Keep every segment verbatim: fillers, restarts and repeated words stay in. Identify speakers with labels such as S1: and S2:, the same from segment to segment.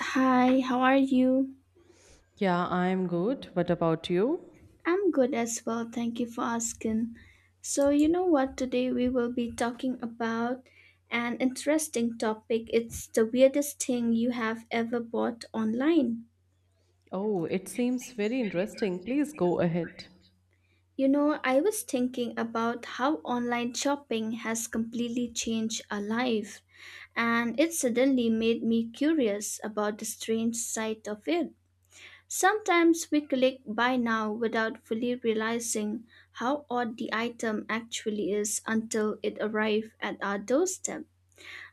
S1: Hi, how are you?
S2: Yeah, I'm good. What about you?
S1: I'm good as well. Thank you for asking. So, you know what? Today we will be talking about an interesting topic. It's the weirdest thing you have ever bought online.
S2: Oh, it seems very interesting. Please go ahead.
S1: You know, I was thinking about how online shopping has completely changed our life, and it suddenly made me curious about the strange side of it. Sometimes we click buy now without fully realizing how odd the item actually is until it arrives at our doorstep.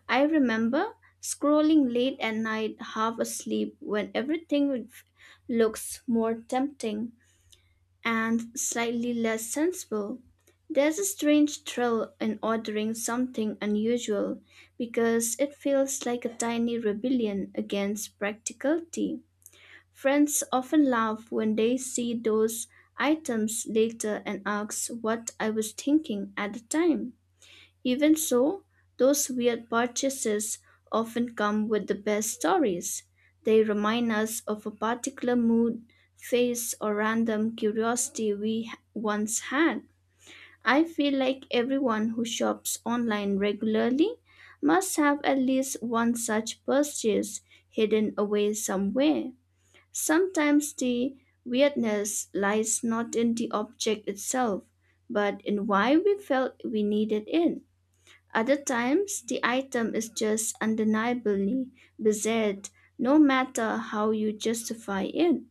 S1: I remember scrolling late at night, half asleep, when everything looks more tempting and slightly less sensible. There's a strange thrill in ordering something unusual because it feels like a tiny rebellion against practicality. Friends often laugh when they see those items later and ask what I was thinking at the time. Even so, those weird purchases often come with the best stories. They remind us of a particular mood, phase, or random curiosity we h- once had. I feel like everyone who shops online regularly must have at least one such purchase hidden away somewhere. Sometimes the weirdness lies not in the object itself, but in why we felt we needed it. Other times, the item is just undeniably bizarre, no matter how you justify it.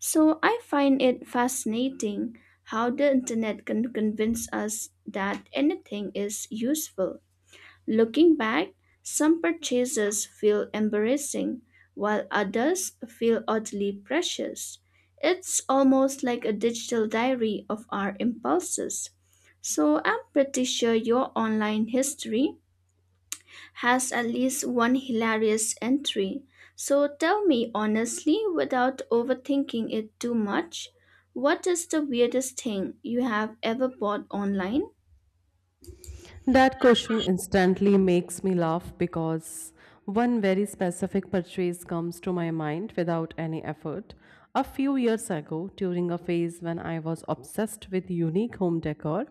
S1: So I find it fascinating how the internet can convince us that anything is useful. Looking back, some purchases feel embarrassing, while others feel oddly precious. It's almost like a digital diary of our impulses. So, I'm pretty sure your online history has at least one hilarious entry. So, tell me honestly without overthinking it too much, what is the weirdest thing you have ever bought online?
S2: That question instantly makes me laugh because one very specific purchase comes to my mind without any effort. A few years ago, during a phase when I was obsessed with unique home decor,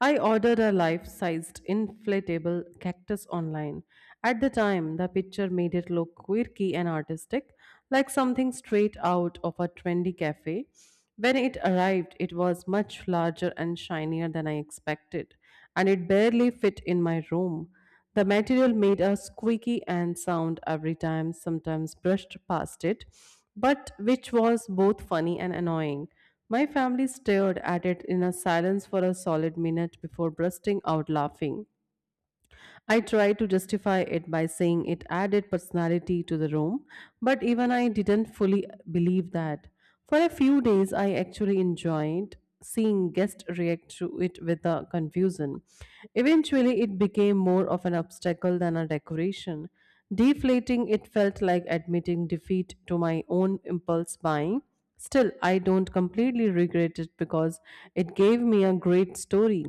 S2: I ordered a life sized inflatable cactus online. At the time, the picture made it look quirky and artistic, like something straight out of a trendy cafe. When it arrived, it was much larger and shinier than I expected and it barely fit in my room. The material made a squeaky and sound every time, sometimes brushed past it, but which was both funny and annoying. My family stared at it in a silence for a solid minute before bursting out laughing. I tried to justify it by saying it added personality to the room, but even I didn't fully believe that. For a few days, I actually enjoyed seeing guests react to it with a confusion. Eventually, it became more of an obstacle than a decoration. Deflating it felt like admitting defeat to my own impulse buying. Still, I don't completely regret it because it gave me a great story.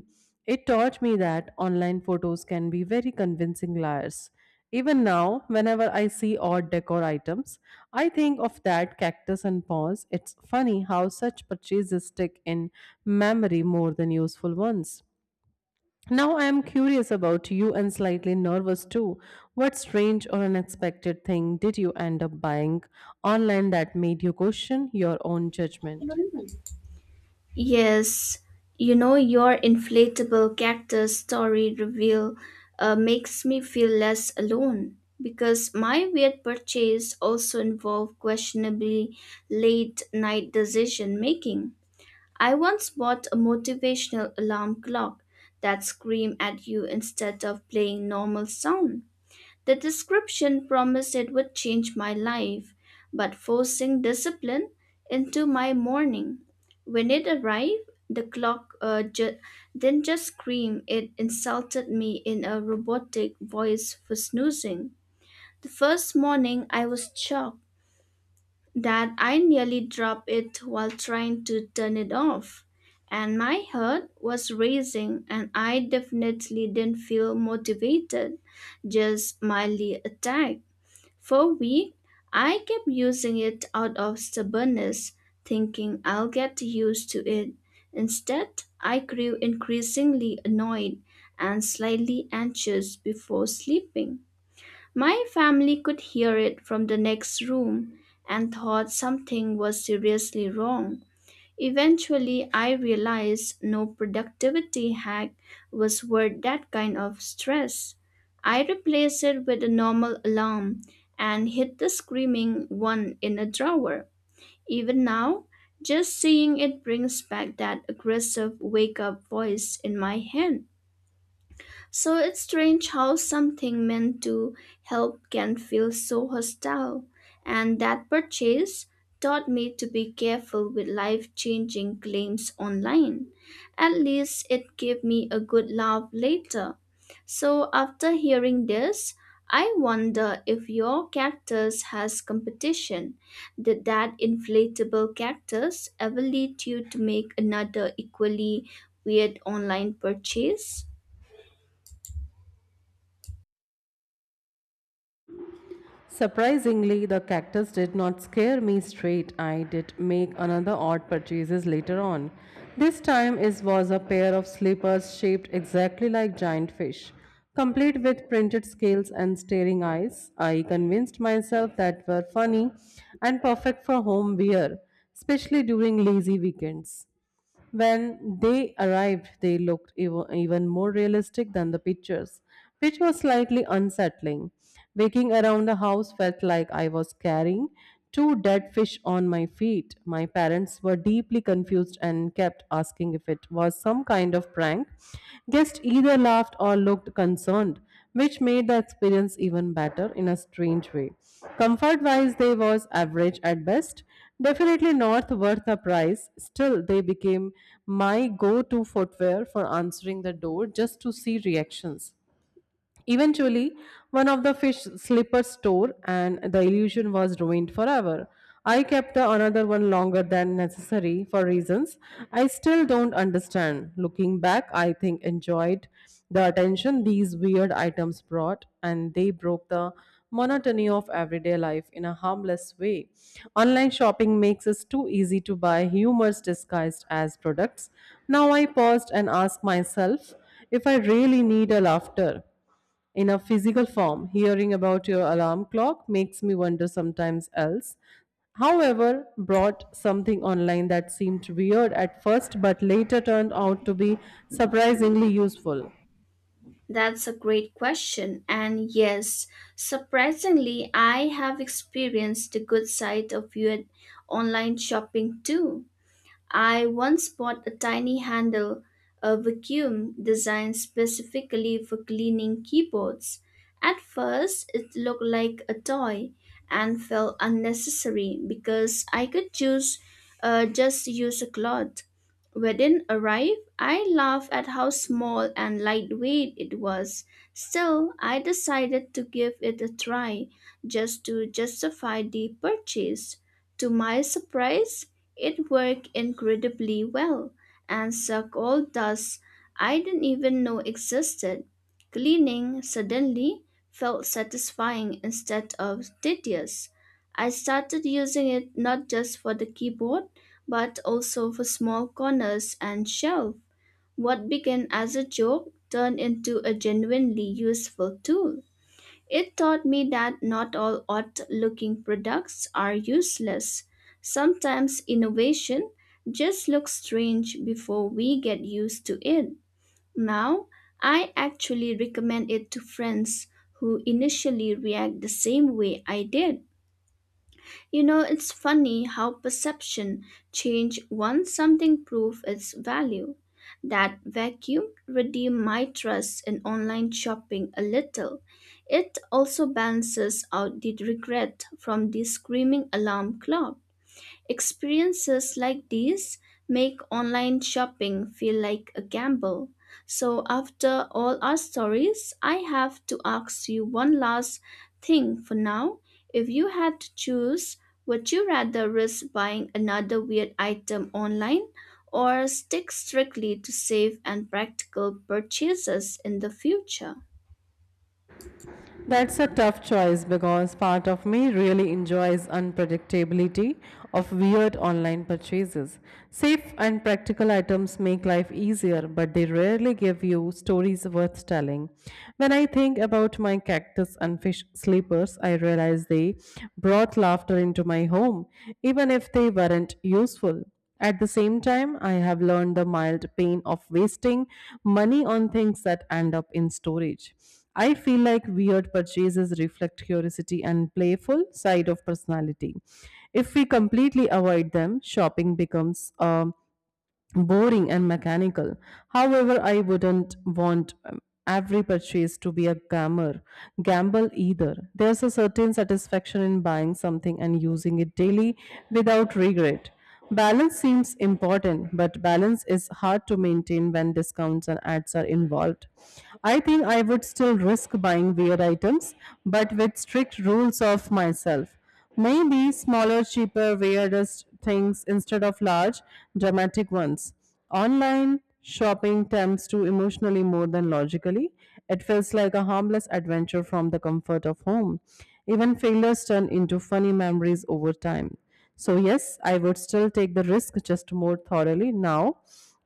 S2: It taught me that online photos can be very convincing liars. Even now, whenever I see odd decor items, I think of that cactus and paws. It's funny how such purchases stick in memory more than useful ones. Now I am curious about you and slightly nervous too. What strange or unexpected thing did you end up buying online that made you question your own judgment?
S1: Yes, you know, your inflatable cactus story reveal uh, makes me feel less alone because my weird purchase also involved questionably late night decision making. I once bought a motivational alarm clock that screamed at you instead of playing normal sound. The description promised it would change my life, but forcing discipline into my morning. When it arrived, the clock uh, ju- didn't just scream, it insulted me in a robotic voice for snoozing. The first morning, I was shocked that I nearly dropped it while trying to turn it off. And my heart was racing, and I definitely didn't feel motivated, just mildly attacked. For a week, I kept using it out of stubbornness, thinking I'll get used to it. Instead, I grew increasingly annoyed and slightly anxious before sleeping. My family could hear it from the next room and thought something was seriously wrong. Eventually, I realized no productivity hack was worth that kind of stress. I replaced it with a normal alarm and hid the screaming one in a drawer. Even now, just seeing it brings back that aggressive wake up voice in my head. So it's strange how something meant to help can feel so hostile. And that purchase taught me to be careful with life changing claims online. At least it gave me a good laugh later. So after hearing this, I wonder if your cactus has competition. Did that inflatable cactus ever lead you to make another equally weird online purchase?
S2: Surprisingly, the cactus did not scare me straight. I did make another odd purchases later on. This time it was a pair of slippers shaped exactly like giant fish, complete with printed scales and staring eyes. I convinced myself that were funny and perfect for home wear, especially during lazy weekends. When they arrived, they looked ev- even more realistic than the pictures, which was slightly unsettling. Waking around the house felt like I was carrying two dead fish on my feet. My parents were deeply confused and kept asking if it was some kind of prank. Guests either laughed or looked concerned, which made the experience even better in a strange way. Comfort wise, they was average at best, definitely not worth the price. Still, they became my go to footwear for answering the door just to see reactions. Eventually, one of the fish slippers tore and the illusion was ruined forever. I kept the another one longer than necessary for reasons I still don't understand. Looking back, I think enjoyed the attention these weird items brought and they broke the monotony of everyday life in a harmless way. Online shopping makes us too easy to buy humors disguised as products. Now I paused and asked myself if I really need a laughter in a physical form. Hearing about your alarm clock makes me wonder sometimes else. However, brought something online that seemed weird at first but later turned out to be surprisingly useful.
S1: That's a great question. And yes, surprisingly, I have experienced the good side of your online shopping too. I once bought a tiny handle, a vacuum designed specifically for cleaning keyboards. At first, it looked like a toy and felt unnecessary because I could choose uh, just use a cloth. Within arrived, I laughed at how small and lightweight it was. Still, I decided to give it a try just to justify the purchase. To my surprise, it worked incredibly well and sucked all dust I didn't even know existed. Cleaning suddenly felt satisfying instead of tedious. I started using it not just for the keyboard but also for small corners and shelves. What began as a joke turned into a genuinely useful tool. It taught me that not all odd looking products are useless. Sometimes innovation just looks strange before we get used to it. Now, I actually recommend it to friends who initially react the same way I did. You know, it's funny how perception change once something prove its value. That vacuum redeemed my trust in online shopping a little. It also balances out the regret from the screaming alarm clock. Experiences like these make online shopping feel like a gamble. So, after all our stories, I have to ask you one last thing for now. If you had to choose, would you rather risk buying another weird item online or stick strictly to safe and practical purchases in the future?
S2: That's a tough choice because part of me really enjoys unpredictability of weird online purchases. Safe and practical items make life easier, but they rarely give you stories worth telling. When I think about my cactus and fish sleepers, I realize they brought laughter into my home, even if they weren't useful. At the same time, I have learned the mild pain of wasting money on things that end up in storage. I feel like weird purchases reflect curiosity and playful side of personality. If we completely avoid them, shopping becomes a boring and mechanical. However, I wouldn't want um, every purchase to be a gamer, gamble either. There's a certain satisfaction in buying something and using it daily without regret. Balance seems important, but balance is hard to maintain when discounts and ads are involved. I think I would still risk buying weird items, but with strict rules of myself. Maybe smaller, cheaper, weirdest things instead of large, dramatic ones. Online shopping tempts to emotionally more than logically. It feels like a harmless adventure from the comfort of home. Even failures turn into funny memories over time. So, yes, I would still take the risk just more thoroughly now,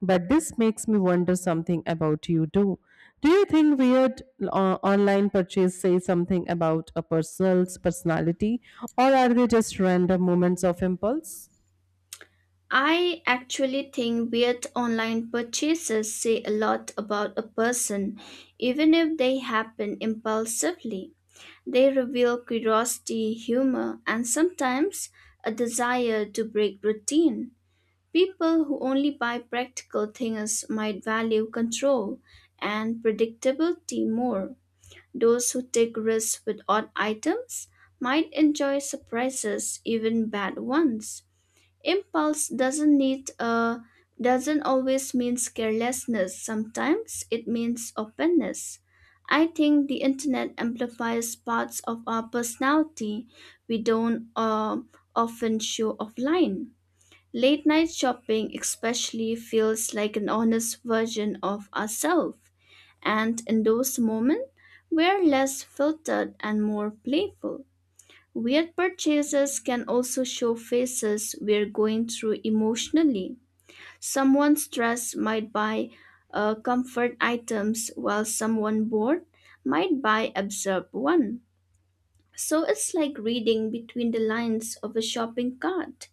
S2: but this makes me wonder something about you too. Do you think weird uh, online purchase say something about a person's personality or are they just random moments of impulse?
S1: I actually think weird online purchases say a lot about a person, even if they happen impulsively. They reveal curiosity, humor, and sometimes a desire to break routine. People who only buy practical things might value control and predictability more. Those who take risks with odd items might enjoy surprises, even bad ones. Impulse doesn't need uh, doesn't always mean carelessness. Sometimes it means openness. I think the internet amplifies parts of our personality we don't uh, often show offline. Late night shopping especially feels like an honest version of ourselves, and in those moments we're less filtered and more playful. Weird purchases can also show phases we're going through emotionally. Someone stressed might buy uh, comfort items, while someone bored might buy absurd one. So it's like reading between the lines of a shopping cart.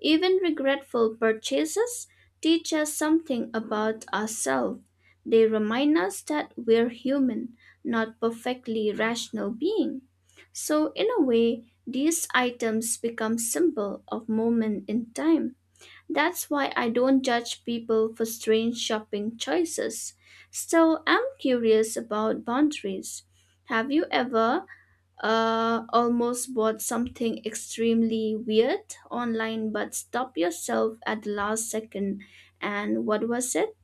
S1: Even regretful purchases teach us something about ourselves. They remind us that we're human, not perfectly rational being. So in a way, these items become symbol of moment in time. That's why I don't judge people for strange shopping choices. Still, I'm curious about boundaries. Have you ever uh, almost bought something extremely weird online but stopped yourself at the last second? And what was it?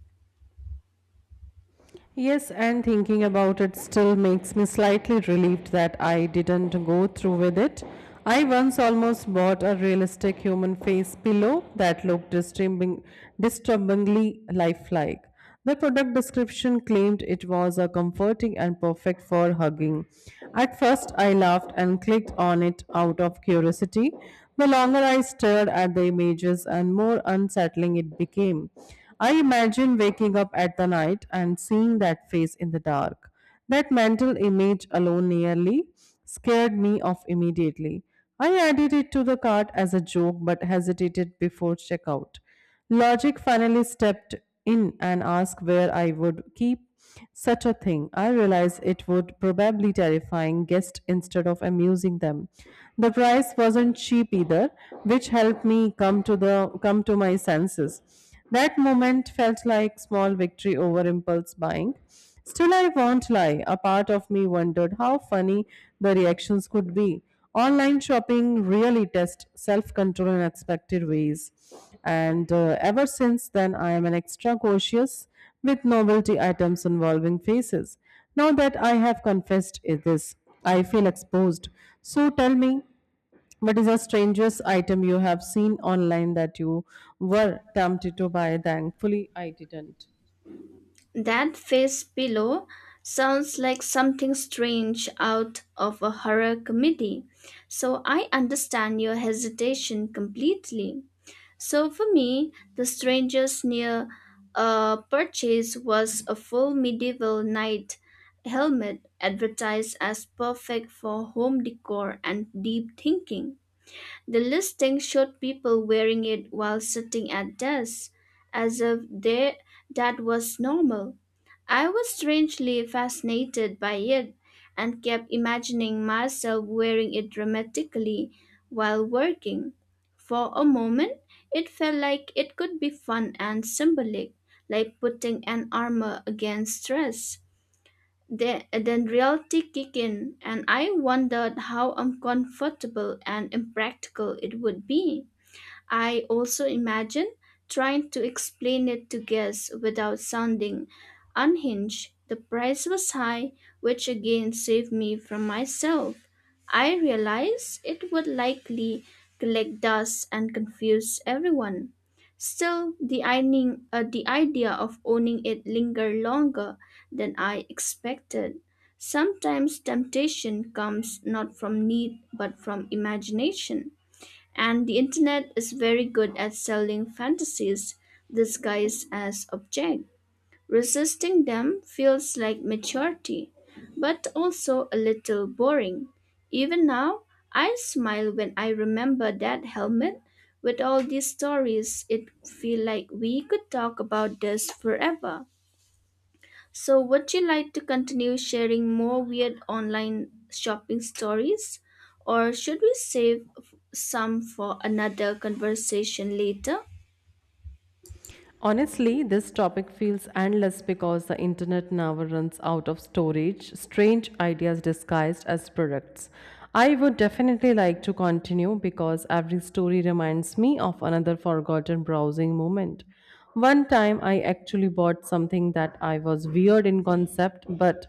S2: Yes, and thinking about it still makes me slightly relieved that I didn't go through with it. I once almost bought a realistic human face pillow that looked disturbing, disturbingly lifelike. The product description claimed it was a comforting and perfect for hugging. At first, I laughed and clicked on it out of curiosity. The longer I stared at the images and more unsettling it became. I imagine waking up at the night and seeing that face in the dark. That mental image alone nearly scared me off immediately. I added it to the cart as a joke but hesitated before checkout. Logic finally stepped in and asked where I would keep such a thing. I realized it would probably terrifying guests instead of amusing them. The price wasn't cheap either, which helped me come to the come to my senses. That moment felt like small victory over impulse buying. Still, I won't lie, a part of me wondered how funny the reactions could be. Online shopping really tests self control in unexpected ways. And uh, Ever since then, I am an extra cautious with novelty items involving faces. Now that I have confessed it- this, I feel exposed. So tell me, what is a strangest item you have seen online that you were tempted to buy? Thankfully, I didn't.
S1: That face pillow sounds like something strange out of a horror comedy. So I understand your hesitation completely. So for me, the strangers near uh, purchase was a full medieval knight helmet advertised as perfect for home decor and deep thinking. The listing showed people wearing it while sitting at desks, as if they, that was normal. I was strangely fascinated by it and kept imagining myself wearing it dramatically while working. For a moment, it felt like it could be fun and symbolic, like putting an armor against stress. Then, then reality kicked in, and I wondered how uncomfortable and impractical it would be. I also imagine trying to explain it to guests without sounding unhinged. The price was high, which again saved me from myself. I realized it would likely collect dust and confuse everyone. Still, the, ironing, uh, the idea of owning it lingered longer than I expected. Sometimes temptation comes not from need but from imagination. And the internet is very good at selling fantasies disguised as object. Resisting them feels like maturity, but also a little boring. Even now, I smile when I remember that helmet. With all these stories, it feel like we could talk about this forever. So, would you like to continue sharing more weird online shopping stories, or should we save f- some for another conversation later?
S2: Honestly, this topic feels endless because the internet never runs out of storage, strange ideas disguised as products. I would definitely like to continue because every story reminds me of another forgotten browsing moment. One time I actually bought something that I was weird in concept, but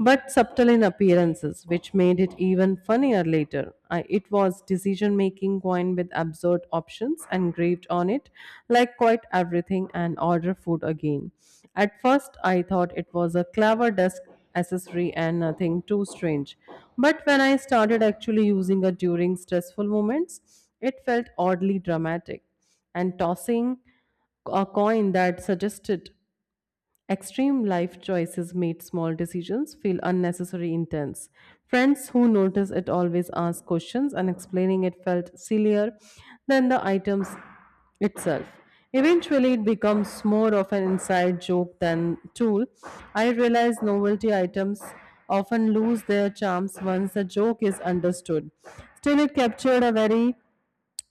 S2: but subtle in appearances, which made it even funnier later. I, it was decision making coined with absurd options engraved on it, like quite everything and order food again. At first, I thought it was a clever desk accessory and nothing too strange. But when I started actually using it during stressful moments, it felt oddly dramatic and tossing a coin that suggested extreme life choices made small decisions feel unnecessary intense. Friends who notice it always ask questions, and explaining it felt sillier than the items itself. Eventually, it becomes more of an inside joke than tool. I realize novelty items often lose their charms once the joke is understood. Still, it captured a very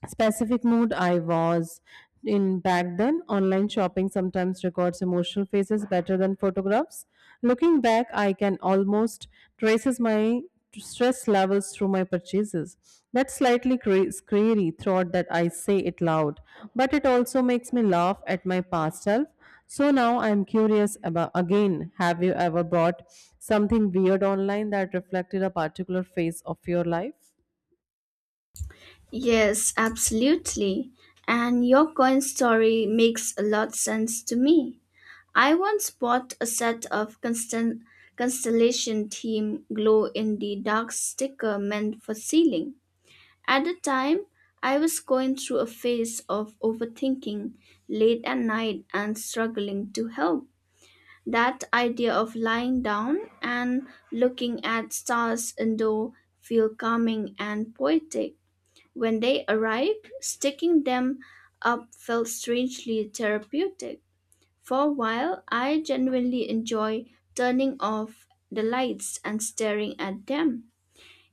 S2: specific mood I was in back then. Online shopping sometimes records emotional faces better than photographs. Looking back, I can almost traces my stress levels through my purchases. That slightly cra- scary thought that I say it loud, but it also makes me laugh at my past self. So now I'm curious about again, have you ever bought something weird online that reflected a particular phase of your life?
S1: Yes, absolutely. And your coin story makes a lot sense to me. I once bought a set of constant constellation theme glow in the dark sticker meant for sealing. At the time, I was going through a phase of overthinking late at night and struggling to help. That idea of lying down and looking at stars indoor feel calming and poetic. When they arrived, sticking them up felt strangely therapeutic. For a while, I genuinely enjoy turning off the lights and staring at them.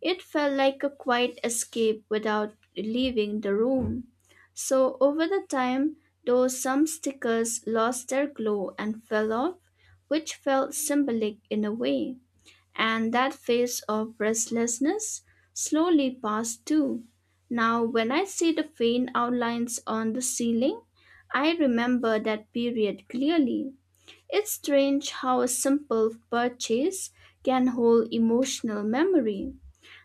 S1: It felt like a quiet escape without leaving the room. So over the time, though some stickers lost their glow and fell off, which felt symbolic in a way, and that phase of restlessness slowly passed too. Now, when I see the faint outlines on the ceiling, I remember that period clearly. It's strange how a simple purchase can hold emotional memory.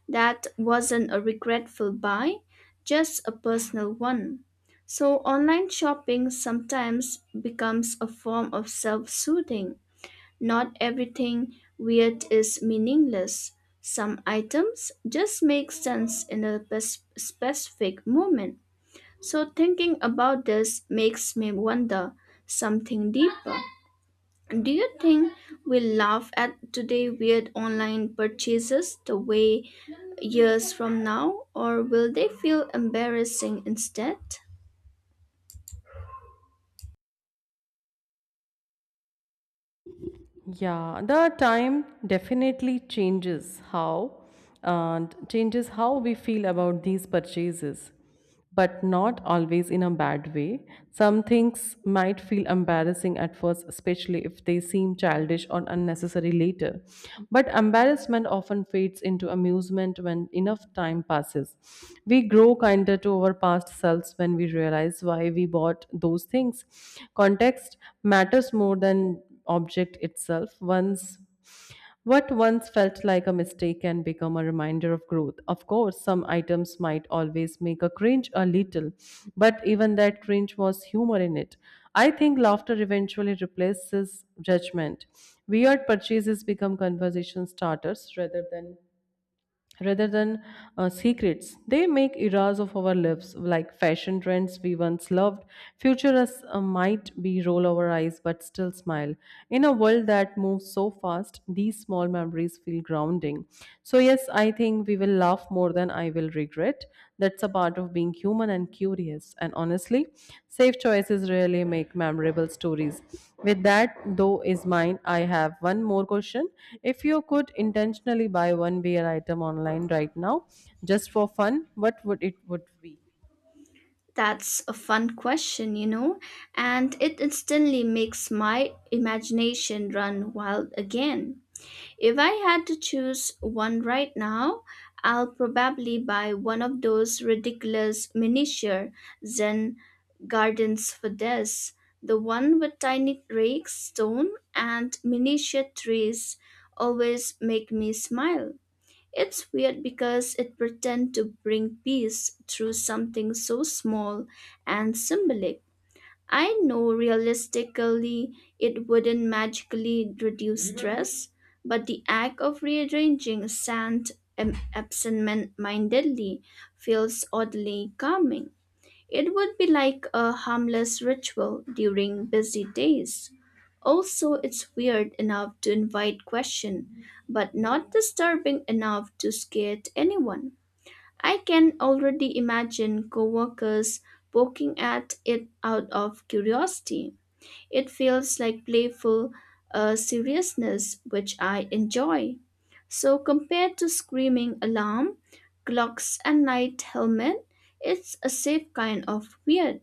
S1: That wasn't a regretful buy, just a personal one. So, online shopping sometimes becomes a form of self soothing. Not everything weird is meaningless. Some items just make sense in a pers- specific moment. So, thinking about this makes me wonder something deeper. Do you think we laugh at today weird online purchases the way years from now, or will they feel embarrassing instead?
S2: Yeah, the time definitely changes how and changes how we feel about these purchases, but not always in a bad way. Some things might feel embarrassing at first, especially if they seem childish or unnecessary later. But embarrassment often fades into amusement when enough time passes. We grow kinder to our past selves when we realize why we bought those things. Context matters more than object itself. Once What once felt like a mistake can become a reminder of growth. Of course, some items might always make a cringe a little, but even that cringe was humor in it. I think laughter eventually replaces judgment. Weird purchases become conversation starters rather than rather than uh, secrets. They make eras of our lives, like fashion trends we once loved. Futurists uh, might be roll our eyes but still smile. In a world that moves so fast, these small memories feel grounding. So, yes, I think we will laugh more than I will regret. That's a part of being human and curious. And honestly, safe choices really make memorable stories. With that, though, is mine. I have one more question. If you could intentionally buy one wear item online right now, just for fun, what would it would be?
S1: That's a fun question, you know, and it instantly makes my imagination run wild again. If I had to choose one right now, I'll probably buy one of those ridiculous miniature Zen gardens for this. The one with tiny rakes, stone, and miniature trees always make me smile. It's weird because it pretends to bring peace through something so small and symbolic. I know realistically it wouldn't magically reduce stress, but the act of rearranging sand ab- absent-mindedly feels oddly calming. It would be like a harmless ritual during busy days. Also, it's weird enough to invite question, but not disturbing enough to scare anyone. I can already imagine coworkers poking at it out of curiosity. It feels like playful uh, seriousness, which I enjoy. So, compared to screaming alarm, clocks, and night helmet, it's a safe kind of weird.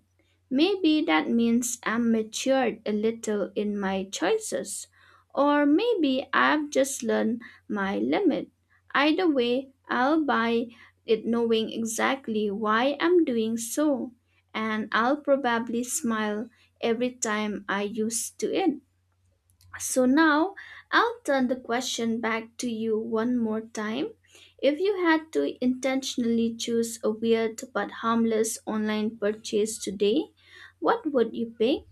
S1: Maybe that means I'm matured a little in my choices, or maybe I've just learned my limit. Either way, I'll buy it knowing exactly why I'm doing so, and I'll probably smile every time I use to it. So now I'll turn the question back to you one more time. If you had to intentionally choose a weird but harmless online purchase today, what would you pick?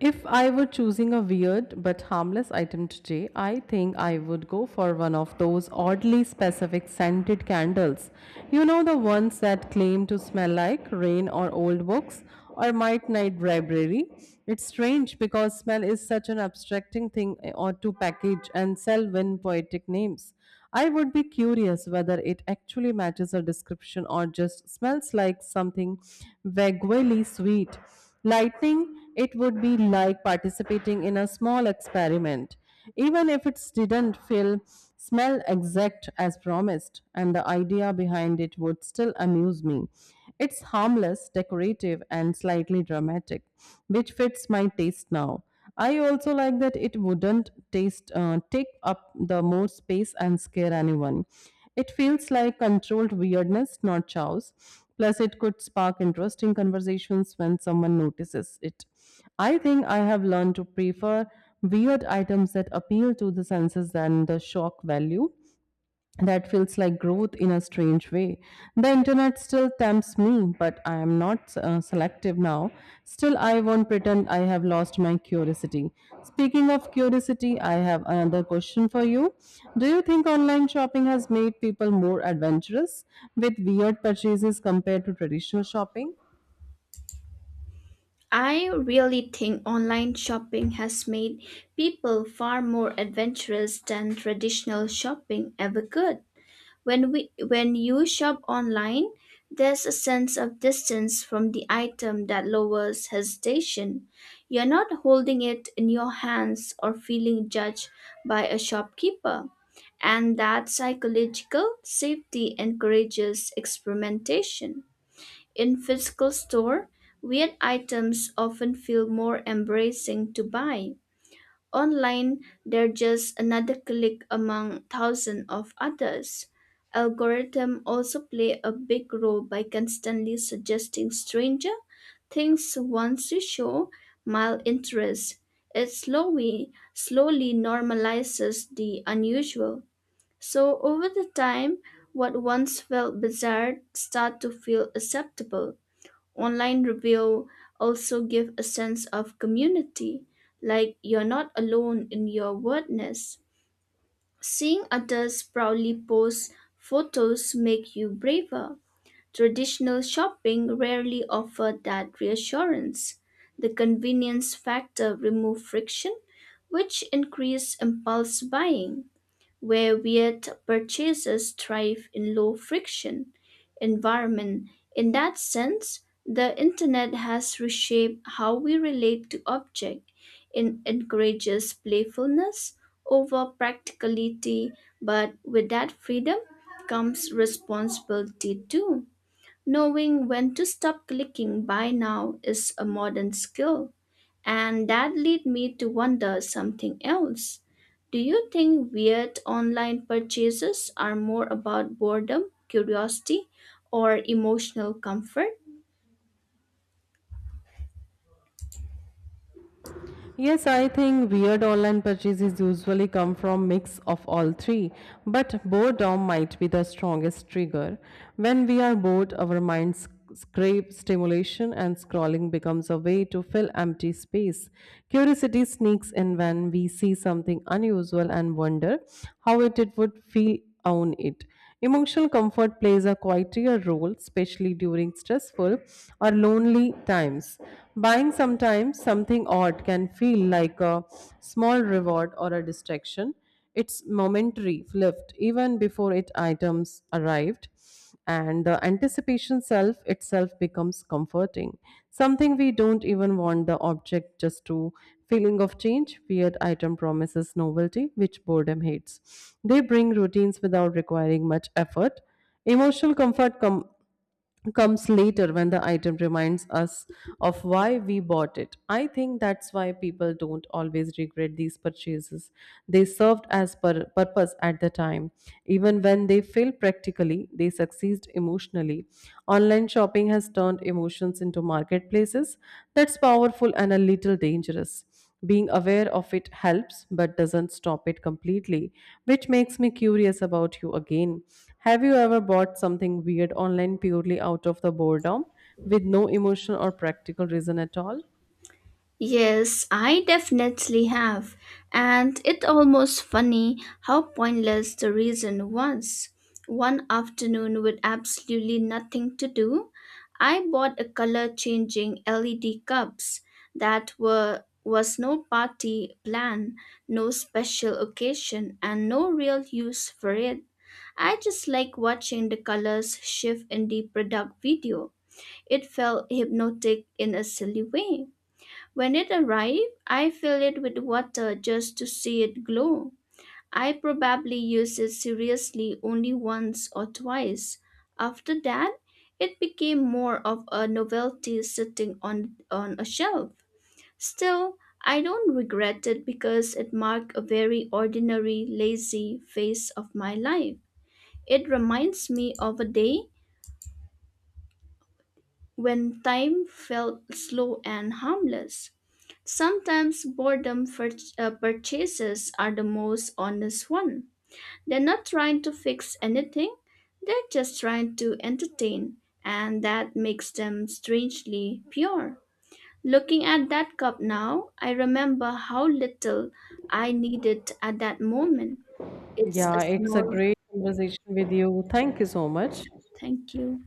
S2: If I were choosing a weird but harmless item today, I think I would go for one of those oddly specific scented candles. You know, the ones that claim to smell like rain or old books or might night library. It's strange because smell is such an abstracting thing eh, or to package and sell when poetic names. I would be curious whether it actually matches a description or just smells like something vaguely sweet. Lightning, it would be like participating in a small experiment, even if it didn't feel smell exact as promised, and the idea behind it would still amuse me. It's harmless, decorative, and slightly dramatic, which fits my taste now. I also like that it wouldn't taste uh, take up the more space and scare anyone. It feels like controlled weirdness, not chows. Plus, it could spark interesting conversations when someone notices it. I think I have learned to prefer weird items that appeal to the senses than the shock value. That feels like growth in a strange way. The internet still tempts me, but I am not uh, selective now. Still, I won't pretend I have lost my curiosity. Speaking of curiosity, I have another question for you. Do you think online shopping has made people more adventurous with weird purchases compared to traditional shopping?
S1: I really think online shopping has made people far more adventurous than traditional shopping ever could. When we when you shop online, there's a sense of distance from the item that lowers hesitation. You're not holding it in your hands or feeling judged by a shopkeeper. And that psychological safety encourages experimentation. In physical store, weird items often feel more embracing to buy. Online, they're just another click among thousands of others. Algorithms also play a big role by constantly suggesting stranger things once you show mild interest. It slowly, slowly normalizes the unusual. So over the time, what once felt bizarre start to feel acceptable. Online review also give a sense of community, like you're not alone in your weirdness. Seeing others proudly post photos make you braver. Traditional shopping rarely offer that reassurance. The convenience factor remove friction, which increase impulse buying, where weird purchases thrive in low friction environment. In that sense, the internet has reshaped how we relate to objects. It encourages playfulness over practicality, but with that freedom comes responsibility too. Knowing when to stop clicking by now is a modern skill, and that lead me to wonder something else. Do you think weird online purchases are more about boredom, curiosity, or emotional comfort?
S2: Yes, I think weird online purchases usually come from mix of all three, but boredom might be the strongest trigger. When we are bored, our minds scrape stimulation and scrolling becomes a way to fill empty space. Curiosity sneaks in when we see something unusual and wonder how it, it would feel own it. Emotional comfort plays a quieter role, especially during stressful or lonely times. Buying sometimes something odd can feel like a small reward or a distraction. It's momentary lift, even before it items arrived and the anticipation self itself becomes comforting something we don't even want the object just to feeling of change weird item promises novelty which boredom hates they bring routines without requiring much effort emotional comfort com- comes later when the item reminds us of why we bought it. I think that's why people don't always regret these purchases. They served as per- purpose at the time. Even when they fail practically, they succeed emotionally. Online shopping has turned emotions into marketplaces. That's powerful and a little dangerous. Being aware of it helps but doesn't stop it completely, which makes me curious about you again. Have you ever bought something weird online purely out of the boredom with no emotional or practical reason at all?
S1: Yes, I definitely have. And it almost funny how pointless the reason was. One afternoon with absolutely nothing to do, I bought a color changing L E D cups that were was no party plan, no special occasion and no real use for it. I just like watching the colors shift in the product video. It felt hypnotic in a silly way. When it arrives, I fill it with water just to see it glow. I probably use it seriously only once or twice. After that, it became more of a novelty sitting on, on a shelf. Still, I don't regret it because it marked a very ordinary, lazy phase of my life. It reminds me of a day when time felt slow and harmless. Sometimes boredom pur- uh, purchases are the most honest one. They're not trying to fix anything, they're just trying to entertain, and that makes them strangely pure. Looking at that cup now, I remember how little I needed at that moment. It's a
S2: Yeah, it's a
S1: small
S2: great conversation with you. Thank you so much.
S1: thank you.